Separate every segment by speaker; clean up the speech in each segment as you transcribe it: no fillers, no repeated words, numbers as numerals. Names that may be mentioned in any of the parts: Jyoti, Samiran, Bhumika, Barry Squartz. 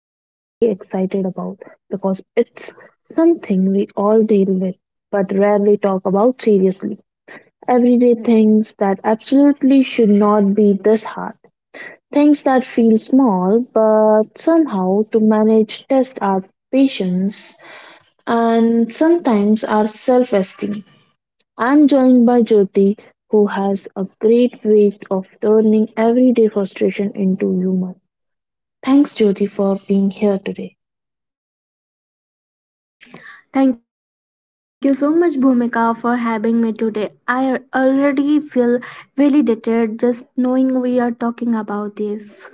Speaker 1: been weirdly excited about because it's something we all deal with but rarely talk about seriously. Everyday things that absolutely should not be this hard. Things that feel small but somehow to manage test our patience and sometimes our self esteem. I'm joined by Jyoti, who has a great way of turning everyday frustration into humor. Thanks, Jyoti, for being here today.
Speaker 2: Thank you so much, Bhumika, for having me today. I already feel validated just knowing we are talking about this.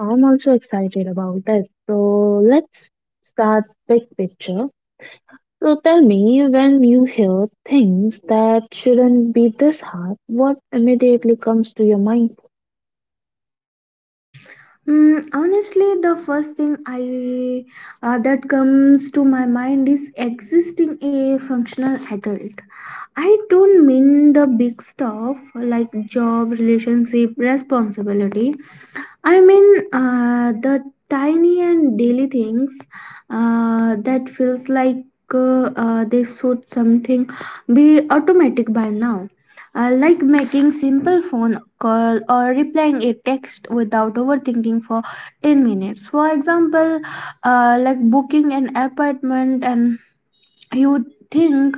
Speaker 1: I'm also excited about this. So let's start big picture. So tell me, when you hear things that shouldn't be this hard, what immediately comes to your mind?
Speaker 2: Mm, honestly, the first thing I that comes to my mind is existing a functional adult. I don't mean the big stuff like job, relationship, responsibility. I mean, the tiny and daily things that feels like they should something be automatic by now. Like making simple phone call or replying a text without overthinking for 10 minutes for example, like booking an apartment and you think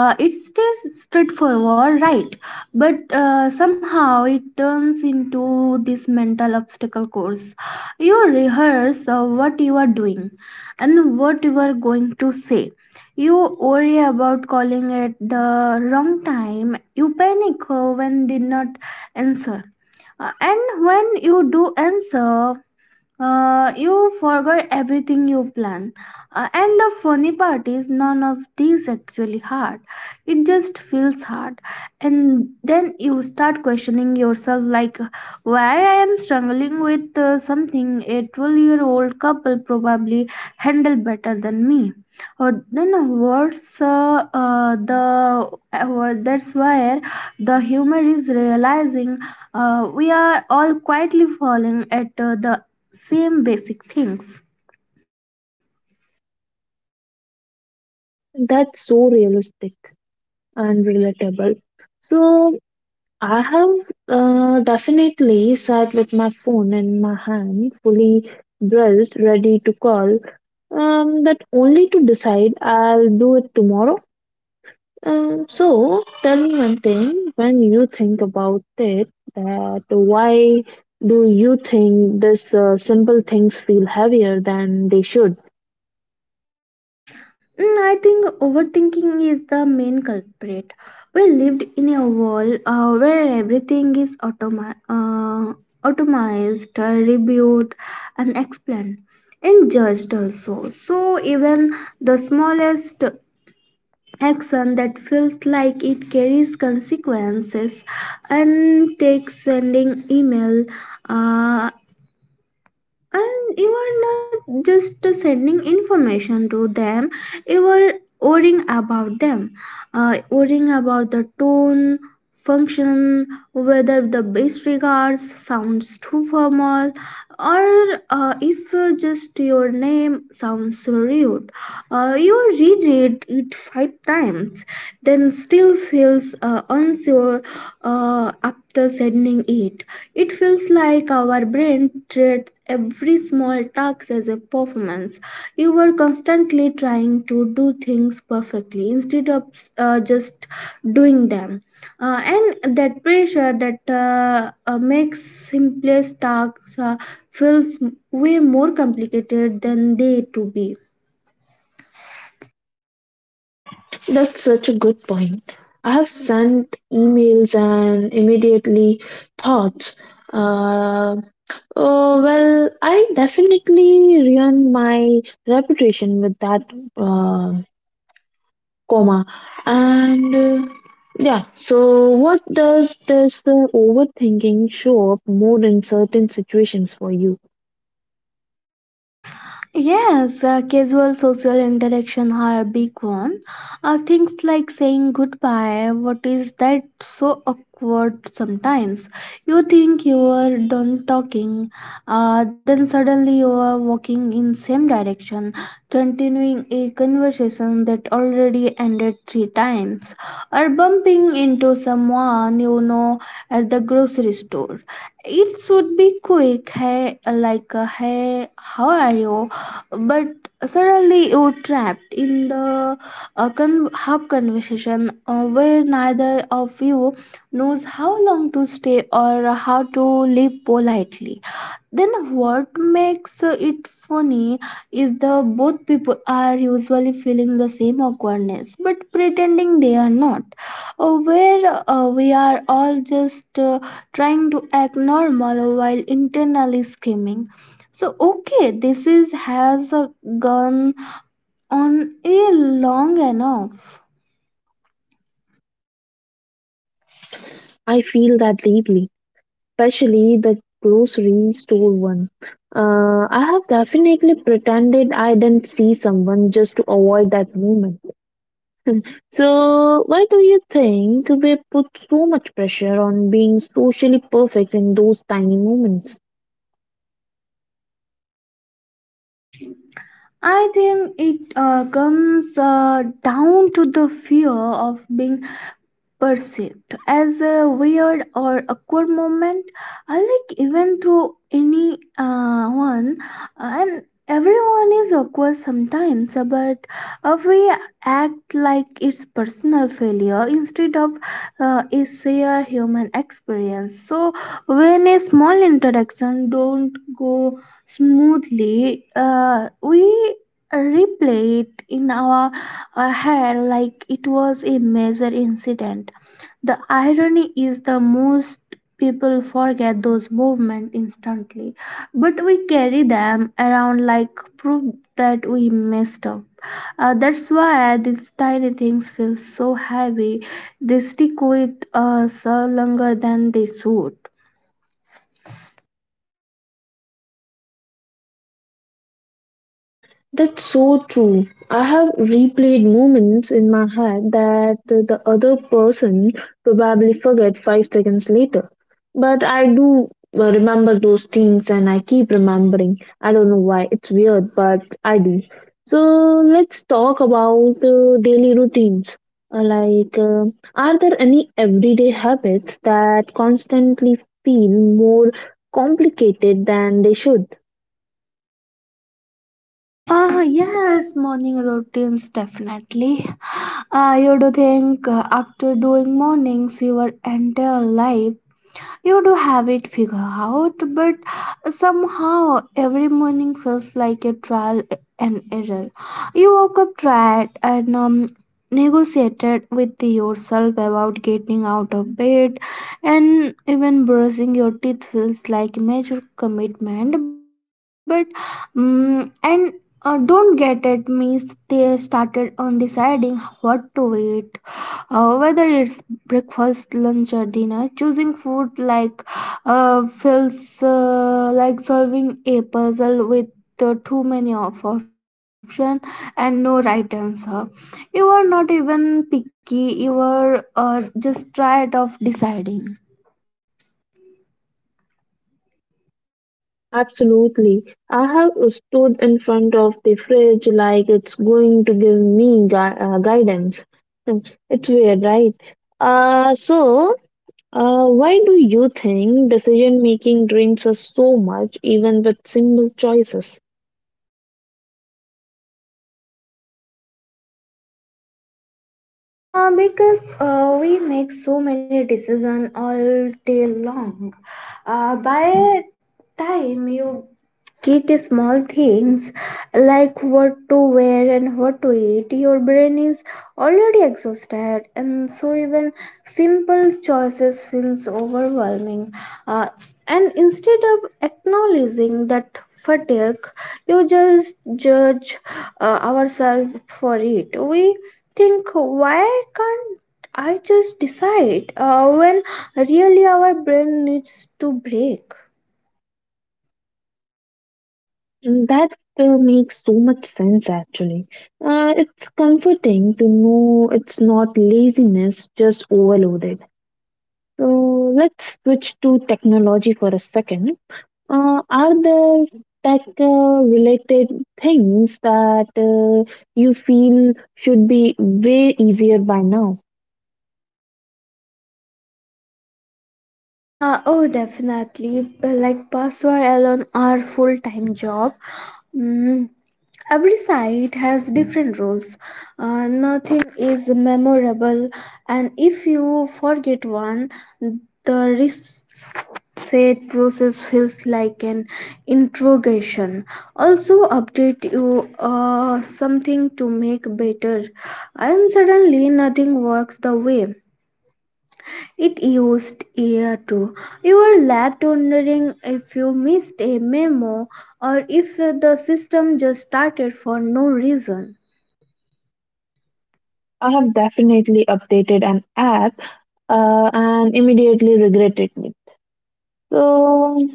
Speaker 2: it stays straightforward, right? But somehow it turns into this mental obstacle course. You rehearse what you are doing and what you are going to say. You worry about calling at the wrong time. You panic when did not answer. And when you do answer, you forgot everything you plan. And the funny part is, none of these actually hard. It just feels hard. And then you start questioning yourself, like, why I am struggling with something a 12-year-old couple probably handle better than me. Or then worse, the that's where the humor is realizing we are all quietly falling at the same basic things.
Speaker 1: That's so realistic and relatable. So I have definitely sat with my phone in my hand, fully dressed, ready to call, that only to decide I'll do it tomorrow. So tell me one thing when you think about it, that why do you think this simple things feel heavier than they should?
Speaker 2: Mm, I think overthinking is the main culprit. We lived in a world where everything is automized, reviewed, and explained, and judged also. So even the smallest action that feels like it carries consequences and takes sending email, uh, and you are not just sending information to them, you are worrying about them, worrying about the tone function, whether the base regards sounds too formal, or if just your name sounds rude. You reread it five times, then still feels unsure after sending it. It feels like our brain treats every small task as a performance. You are constantly trying to do things perfectly instead of just doing them. And that pressure that makes simplest tasks feels way more complicated than they to be.
Speaker 1: That's such a good point. I have sent emails and immediately thought. uh, well, I definitely ruined my reputation with that uh, coma. And yeah, so what does this overthinking show up more in certain situations for you?
Speaker 2: Yes, casual social interaction are a big one. Things like saying goodbye, what is that so awkward sometimes? You think you are done talking, then suddenly you are walking in same direction, continuing a conversation that already ended three times, or bumping into someone you know at the grocery store. It should be quick, hey, like hey, how are you? But suddenly you're trapped in the half conversation, where neither of you knows how long to stay or how to leave politely. Then what makes it funny is the both people are usually feeling the same awkwardness but pretending they are not. Where we are all just trying to act normal while internally screaming. So okay, this is has a gone on a long enough.
Speaker 1: I feel that deeply, especially the grocery store one. I have definitely pretended I didn't see someone just to avoid that moment. So, why do you think we put so much pressure on being socially perfect in those tiny moments?
Speaker 2: I think it comes down to the fear of being perceived as a weird or awkward moment. I like even through any one and everyone is awkward sometimes, but we act like it's personal failure instead of a shared human experience. So when a small interaction don't go smoothly, we replay it in our head like it was a major incident. The irony is the most people forget those movements instantly, but we carry them around like proof that we messed up. That's why these tiny things feel so heavy. They stick with us longer than they should.
Speaker 1: That's so true. I have replayed moments in my head that the other person probably forget 5 seconds later. But I do remember those things and I keep remembering. I don't know why, it's weird, but I do. So let's talk about daily routines. Like, are there any everyday habits that constantly feel more complicated than they should?
Speaker 2: Yes, morning routines definitely. You do think after doing mornings, your entire life you do have it figured out, but somehow every morning feels like a trial and error. You woke up tired and negotiated with yourself about getting out of bed, and even brushing your teeth feels like major commitment. But and don't get at me. Stay started on deciding what to eat. Whether it's breakfast, lunch, or dinner, choosing food like feels like solving a puzzle with too many of options and no right answer. You are not even picky. You are just tired of deciding.
Speaker 1: Absolutely. I have stood in front of the fridge like it's going to give me guidance. Hmm, it's weird, right? So, why do you think decision making drains us so much, even with simple choices?
Speaker 2: Because we make so many decisions all day long. By time you get small things like what to wear and what to eat. Your brain is already exhausted, and so even simple choices feels overwhelming. Uh, and instead of acknowledging that fatigue, you just judge ourselves for it. We think, why can't I just decide? When really our brain needs to break.
Speaker 1: Mm, that makes so much sense, actually. It's comforting to know it's not laziness, just overloaded. So, let's switch to technology for a second. Are there tech related things that you feel should be way easier by now?
Speaker 2: Oh, definitely. Like password alone are full time job. Mm, every site has different rules. Nothing is memorable, and if you forget one, the reset process feels like an interrogation. Also, update you something to make better, and suddenly nothing works the way it used ear too. You were left wondering if you missed a memo or if the system just started for no reason.
Speaker 1: I have definitely updated an app and immediately regretted it. So,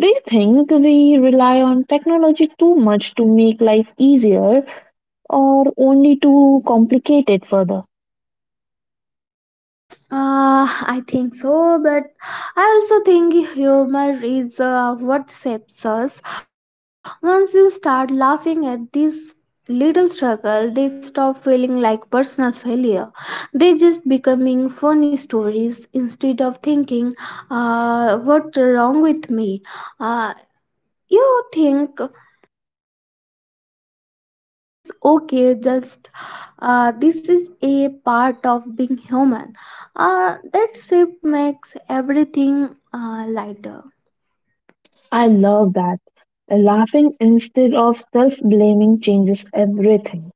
Speaker 1: do you think we rely on technology too much to make life easier or only to complicate it further?
Speaker 2: I think so, but I also think humor is what saves us. Once you start laughing at this little struggle, they stop feeling like personal failure. They just becoming funny stories instead of thinking, what's wrong with me? Uh, you think it's okay. Just this is a part of being human, that shift makes everything lighter.
Speaker 1: I love that. Laughing instead of self blaming changes everything.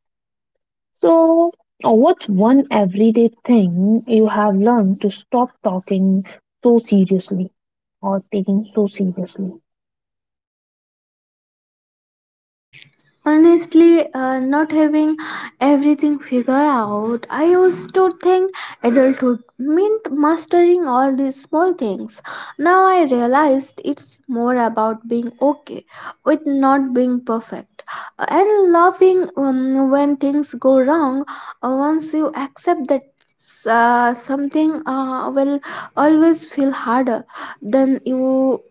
Speaker 1: So, what's one everyday thing you have learned to stop talking so seriously or taking so seriously?
Speaker 2: Honestly, not having everything figured out, I used to think adulthood meant mastering all these small things. Now I realized it's more about being okay with not being perfect and loving when things go wrong. Once you accept that something will always feel harder than you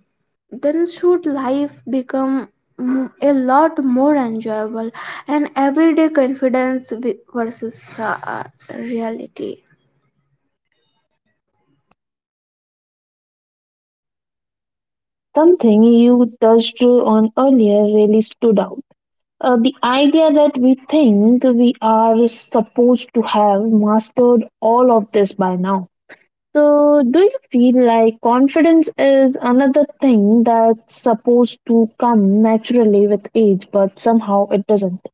Speaker 2: then should life become a lot more enjoyable, and everyday confidence versus reality.
Speaker 1: Something you touched on earlier really stood out. The idea that we think we are supposed to have mastered all of this by now. So, do you feel like confidence is another thing that's supposed to come naturally with age, but somehow it doesn't?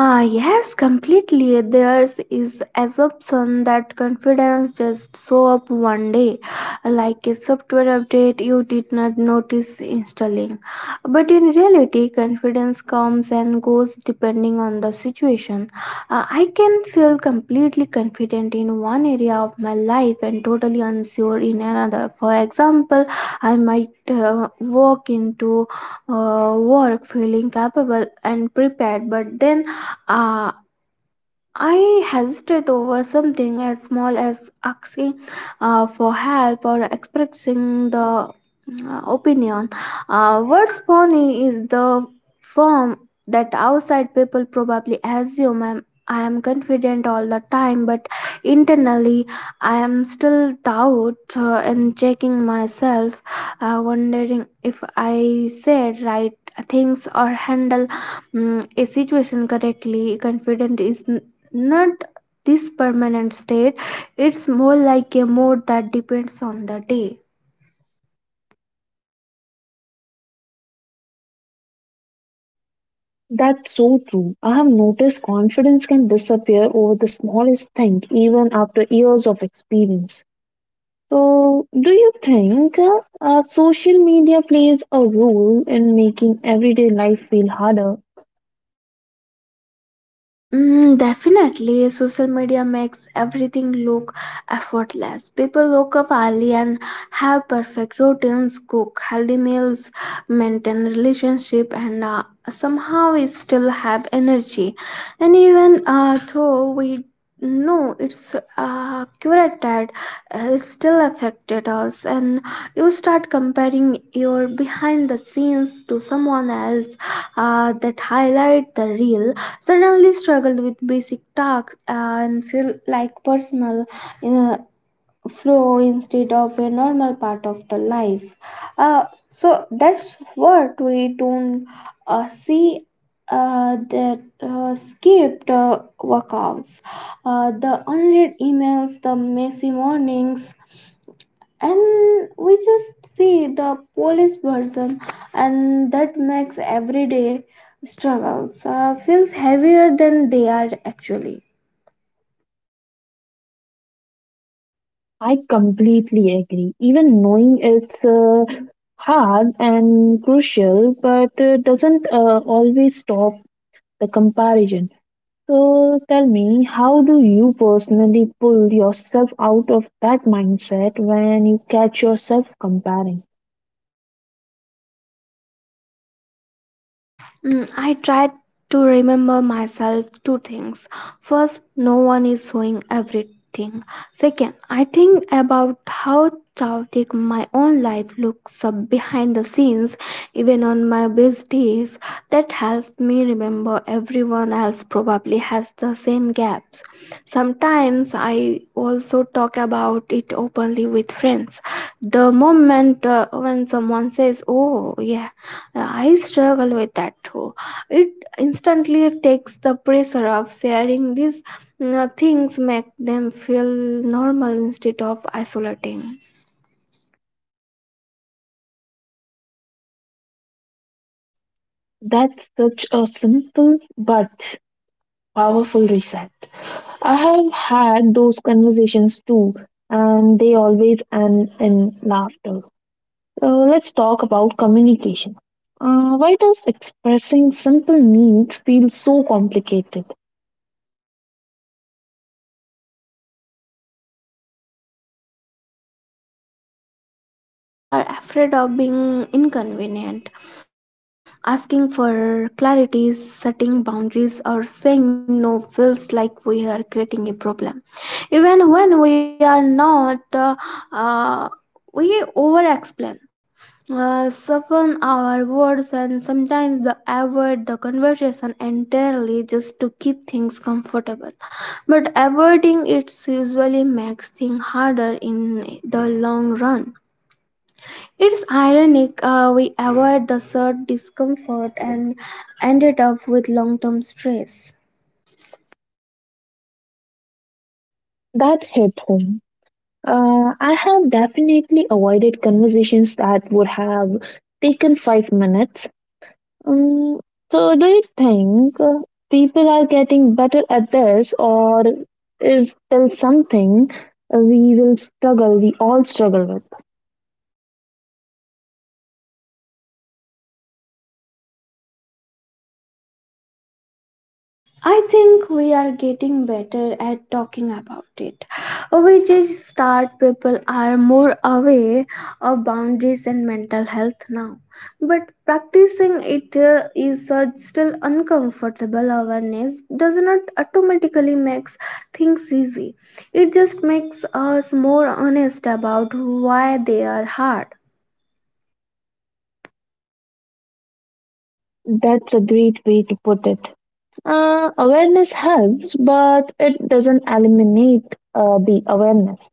Speaker 2: Ah, yes, completely. There's is assumption that confidence just show up one day, like a software update you did not notice installing. But in reality, confidence comes and goes depending on the situation. I can feel completely confident in one area of my life and totally unsure in another. For example, I might walk into work feeling capable and prepared, but then 啊 I hesitate over something as small as asking for help or expressing the opinion. What's funny is the form that outside people probably assume I am confident all the time, but internally I am still doubt and checking myself, wondering if I said right things or handle mm, a situation correctly. Confident is not this permanent state. It's more like a mode that depends on the day.
Speaker 1: That's so true. I have noticed confidence can disappear over the smallest thing, even after years of experience. So, do you think social media plays a role in making everyday life feel harder?
Speaker 2: Mm, definitely, social media makes everything look effortless. People wake up early and have perfect routines, cook healthy meals, maintain relationship, and somehow we still have energy. And even though we know it's curated, it still affected us. And you start comparing your behind the scenes to someone else that highlight the real suddenly struggled with basic tasks and feel like personal uh, flow instead of a normal part of the life. So that's what we don't see that skipped workouts, the unread emails, the messy mornings, and we just see the polished version, and that makes everyday struggles feels heavier than they are actually.
Speaker 1: I completely agree. Even knowing it's hard and crucial, but doesn't always stop the comparison. So tell me, how do you personally pull yourself out of that mindset when you catch yourself comparing?
Speaker 2: Mm, I tried to remember myself two things. First, no one is showing everything. Second, I think about how chaotic my own life looks up behind the scenes, even on my best days. That helps me remember everyone else probably has the same gaps. Sometimes I also talk about it openly with friends. The moment when someone says, "Oh, yeah, I struggle with that too." It instantly takes the pressure of sharing these things, make them feel normal instead of isolating.
Speaker 1: That's such a simple but powerful reset. I have had those conversations too, and they always end in laughter. So let's talk about communication. Why does expressing simple needs feel so complicated?
Speaker 2: Mm, because we are afraid of being inconvenient. Asking for clarity, setting boundaries, or saying no feels like we are creating a problem. Even when we are not, uh, we over explain, soften our words, and sometimes the avoid the conversation entirely just to keep things comfortable. But avoiding it usually makes things harder in the long run. It's ironic, we avoid the short discomfort and ended up with long-term stress.
Speaker 1: That hit home. I have definitely avoided conversations that would have taken 5 minutes. Um, so, do you think people are getting better at this, or is there something we all struggle with?
Speaker 2: I think we are getting better at talking about it, which is start. People are more aware of boundaries and mental health now. But practicing it is such still uncomfortable. Awareness does not automatically makes things easy. It just makes us more honest about why they are hard.
Speaker 1: That's a great way to put it. Awareness helps, but it doesn't eliminate the awareness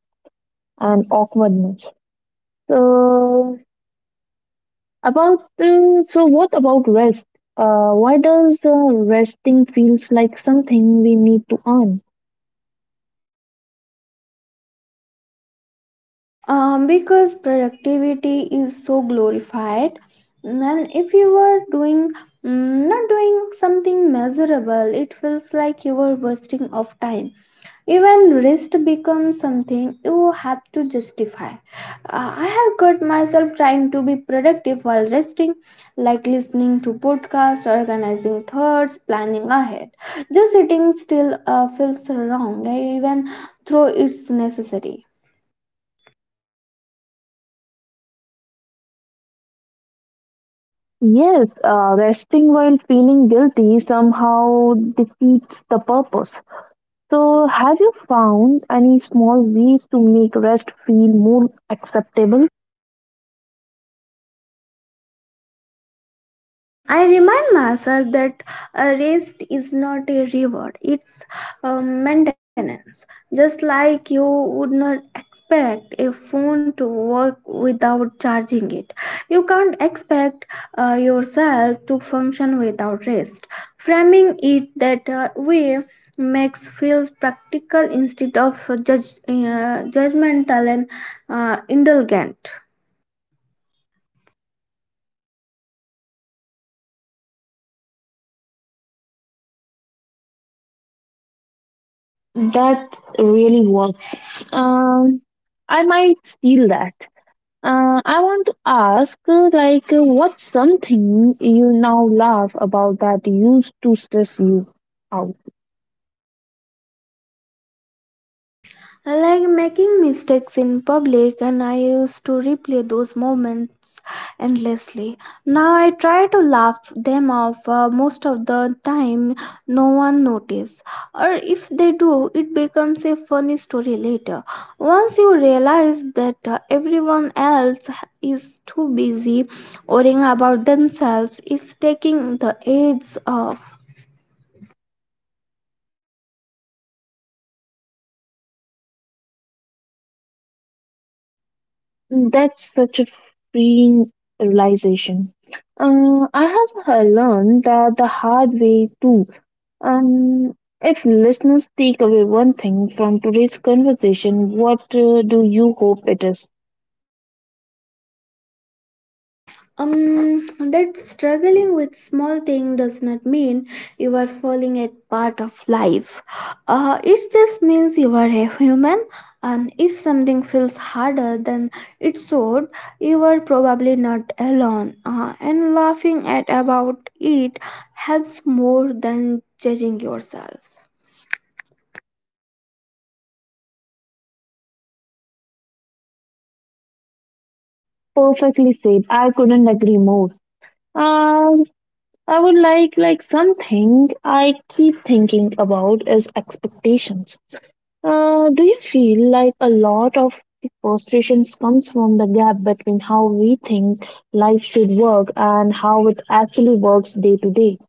Speaker 1: and awkwardness. So, About so what about rest? Why does resting feels like something we need to earn?
Speaker 2: Because productivity is so glorified, and if you were doing not doing something measurable, it feels like you were wasting of time. Even rest becomes something you have to justify. I have got myself trying to be productive while resting, like listening to podcasts, organizing thoughts, planning ahead. Just sitting still feels wrong even though it's necessary.
Speaker 1: Yes, resting while feeling guilty somehow defeats the purpose. So, have you found any small ways to make rest feel more acceptable?
Speaker 2: I remind myself that a rest is not a reward, it's maintenance. Just like you would not expect a phone to work without charging it, you can't expect yourself to function without rest. Framing it that way makes feels practical instead of judgmental and indulgent.
Speaker 1: That really works. Um, I might steal that. I want to ask, what's something you now love about that used to stress you out?
Speaker 2: I like making mistakes in public, and I used to replay those moments endlessly. Now I try to laugh them off, most of the time, no one notices. Or if they do, it becomes a funny story later. Once you realize that everyone else is too busy worrying about themselves, is taking the edge off.
Speaker 1: That's such a freeing realization. I have learned that the hard way too. Um, if listeners take away one thing from today's conversation, what do you hope it is?
Speaker 2: Um, that struggling with small thing does not mean you are failing at part of life. It just means you are a human, and if something feels harder than it should, you are probably not alone. And laughing at about it helps more than judging yourself.
Speaker 1: Perfectly said. I couldn't agree more. Uh, I would like something I keep thinking about is expectations. Do you feel like a lot of the frustrations comes from the gap between how we think life should work and how it actually works day to day?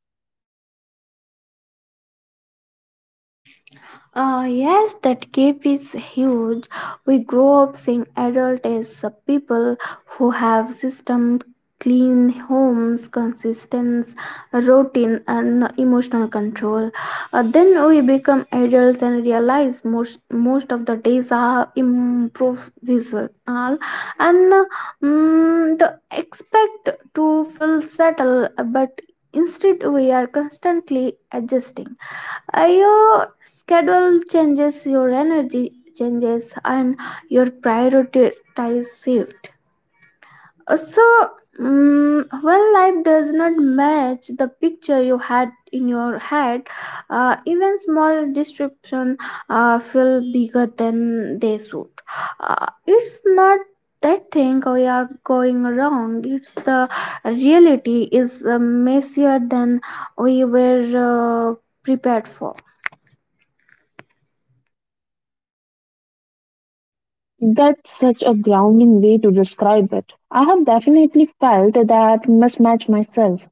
Speaker 2: Yes, that gap is huge. We grow up seeing adult as people who have system, clean homes, consistency, routine, and no emotional control. Then we become adults and realize most of the days are improvisational, and the expect to feel settled, but instead we are constantly adjusting. Your schedule changes, your energy changes, and your priorities shift. So, when life does not match the picture you had in your head, even small disruption feel bigger than they should. It's not that thing we are going wrong. It's the reality is messier than we were prepared for.
Speaker 1: That's such a grounding way to describe it. I have definitely felt that mismatch myself.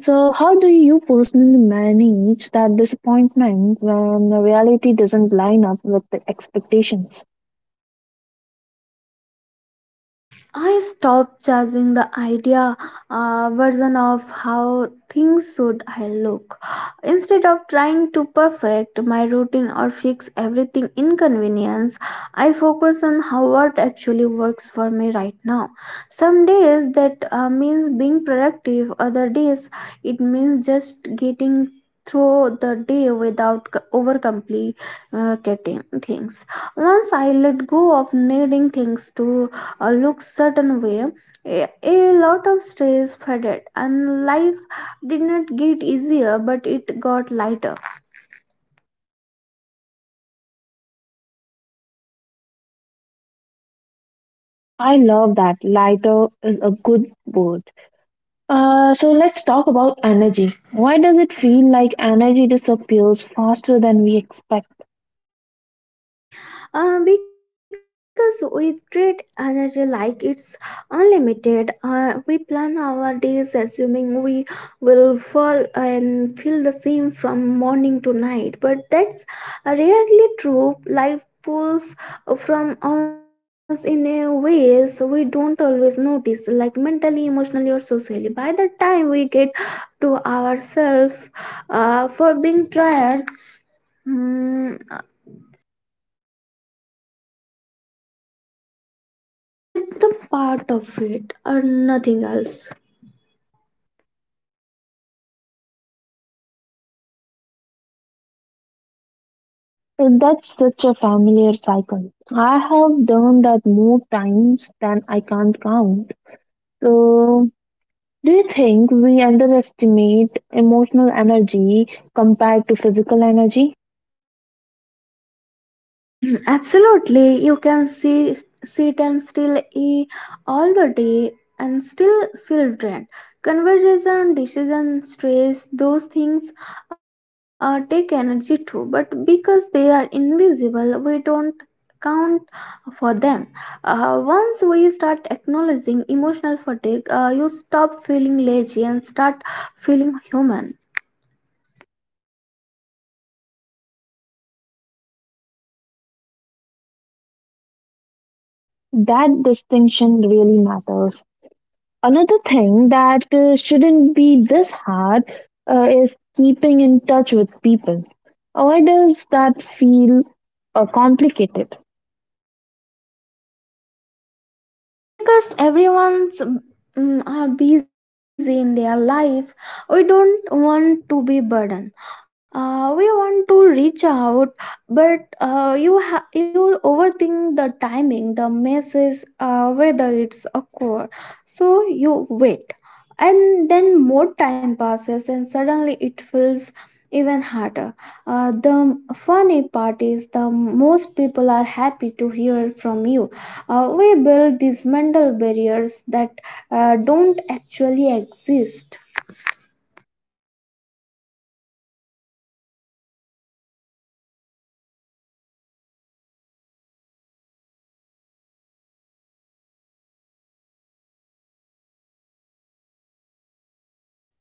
Speaker 1: So, how do you personally manage that disappointment when the reality doesn't line up with the expectations?
Speaker 2: I stopped chasing the idea version of how things should I look. Instead of trying to perfect my routine or fix everything inconvenience, I focus on how what actually works for me right now. Some days that means being productive, other days it means just getting through the day without over complicating things. Once I let go of needing things to look certain way, a lot of stress faded and life did not get easier, but it got lighter.
Speaker 1: I love that. Lighter is a good word. So let's talk about energy. Why does it feel like energy disappears faster than we expect?
Speaker 2: Because we treat energy like it's unlimited, we plan our days assuming we will fall and feel the same from morning to night. But that's rarely true. Life pulls from us in a ways we don't always notice, like mentally, emotionally, or socially. By the time we get to ourselves for being tired, Mm, like that's the part of it or nothing else.
Speaker 1: So that's such a familiar cycle. I have done that more times than I can't count. So, do you think we underestimate emotional energy compared to physical energy?
Speaker 2: Mm, absolutely. You can see, sit and still eat all the day and still feel drained. Conversation, decision, stress, those things take energy too, but because they are invisible, we don't count for them. Once we start acknowledging emotional fatigue, you stop feeling lazy and start feeling human.
Speaker 1: That distinction really matters. Another thing that shouldn't be this hard is keeping in touch with people. Why does that feel complicated?
Speaker 2: Mm, because everyone's are busy in their life, we don't want to be burden. We want to reach out, but you overthink the timing, the message, whether it's awkward. So you wait, and then more time passes, and suddenly it feels even harder. The funny part is the most people are happy to hear from you. We build these mental barriers that don't actually exist.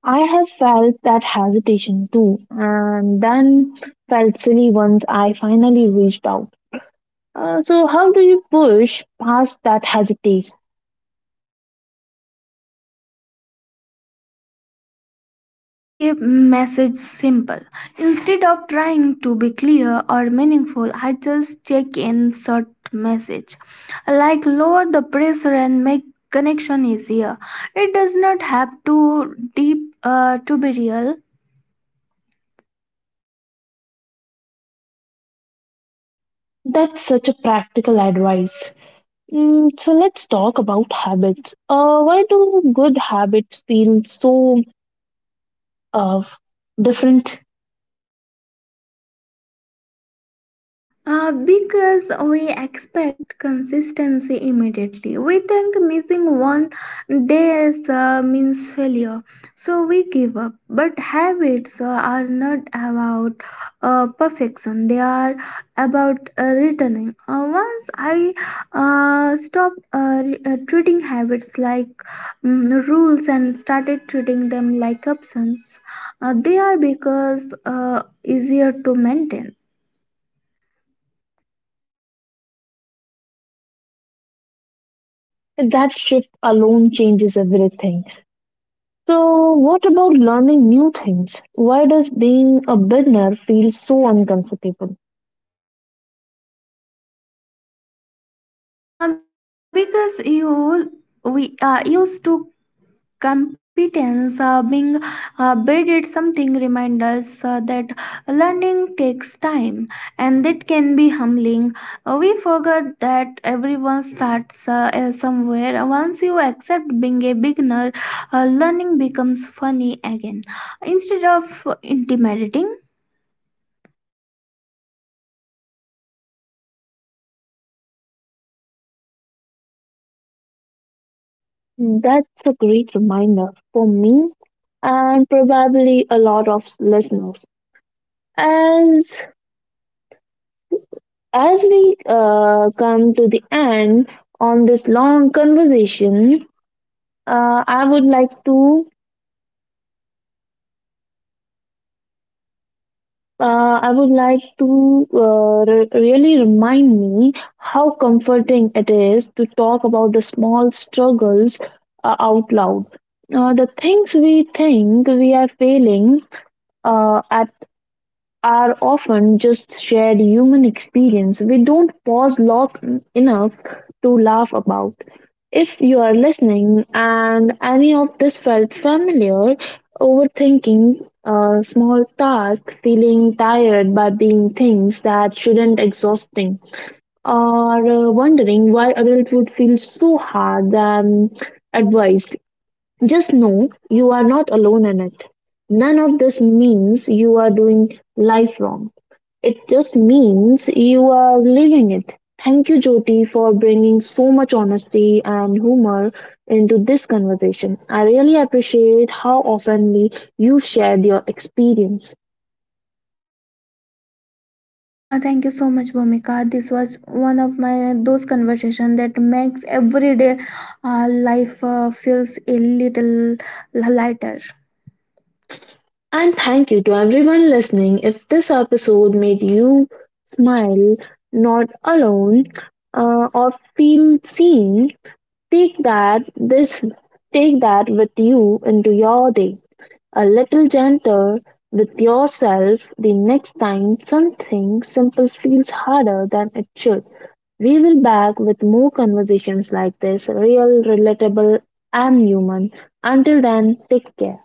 Speaker 1: I have felt that hesitation too, and then felt silly once I finally reached out. So, how do you push past that hesitation?
Speaker 2: I keep message simple. Instead of trying to be clear or meaningful, I just check in short message. I like lower the pressure and make connection easier. It does not have to deep to be real.
Speaker 1: That's such a practical advice. Mm, so, let's talk about habits. Why do good habits feel so uh, different?
Speaker 2: Because we expect consistency immediately. We think missing one day is, means failure, so we give up. But habits are not about perfection, they are about returning. Once I stopped treating habits like rules and started treating them like options, they are because easier to maintain.
Speaker 1: That shift alone changes everything. So, what about learning new things? Why does being a beginner feel so uncomfortable?
Speaker 2: Because you we used to competence being bid something reminders that learning takes time, and that can be humbling. We forgot that everyone starts somewhere. Once you accept being a beginner, learning becomes funny again instead of intimidating.
Speaker 1: That's a great reminder for me and probably a lot of listeners. As as we come to the end on this long conversation, uh, I would like to I would like to really remind me how comforting it is to talk about the small struggles out loud. The things we think we are failing at are often just shared human experience. We don't pause long enough to laugh about. If you are listening and any of this felt familiar, overthinking a small task, feeling tired by being things that shouldn't exhausting, or wondering why adulthood feels so hard than advised, just know you are not alone in it. None of this means you are doing life wrong. It just means you are living it. Thank you, Jyoti, for bringing so much honesty and humor into this conversation. I really appreciate how oftenly you shared your experience.
Speaker 2: Thank you so much, Bhumika. This was one of my those conversation that makes everyday life feels a little lighter.
Speaker 1: And thank you to everyone listening. If this episode made you smile, not alone, or feel seen, take that this take that with you into your day. A little gentle with yourself the next time something simple feels harder than it should. We will back with more conversations like this, real, relatable, and human. Until then, take care.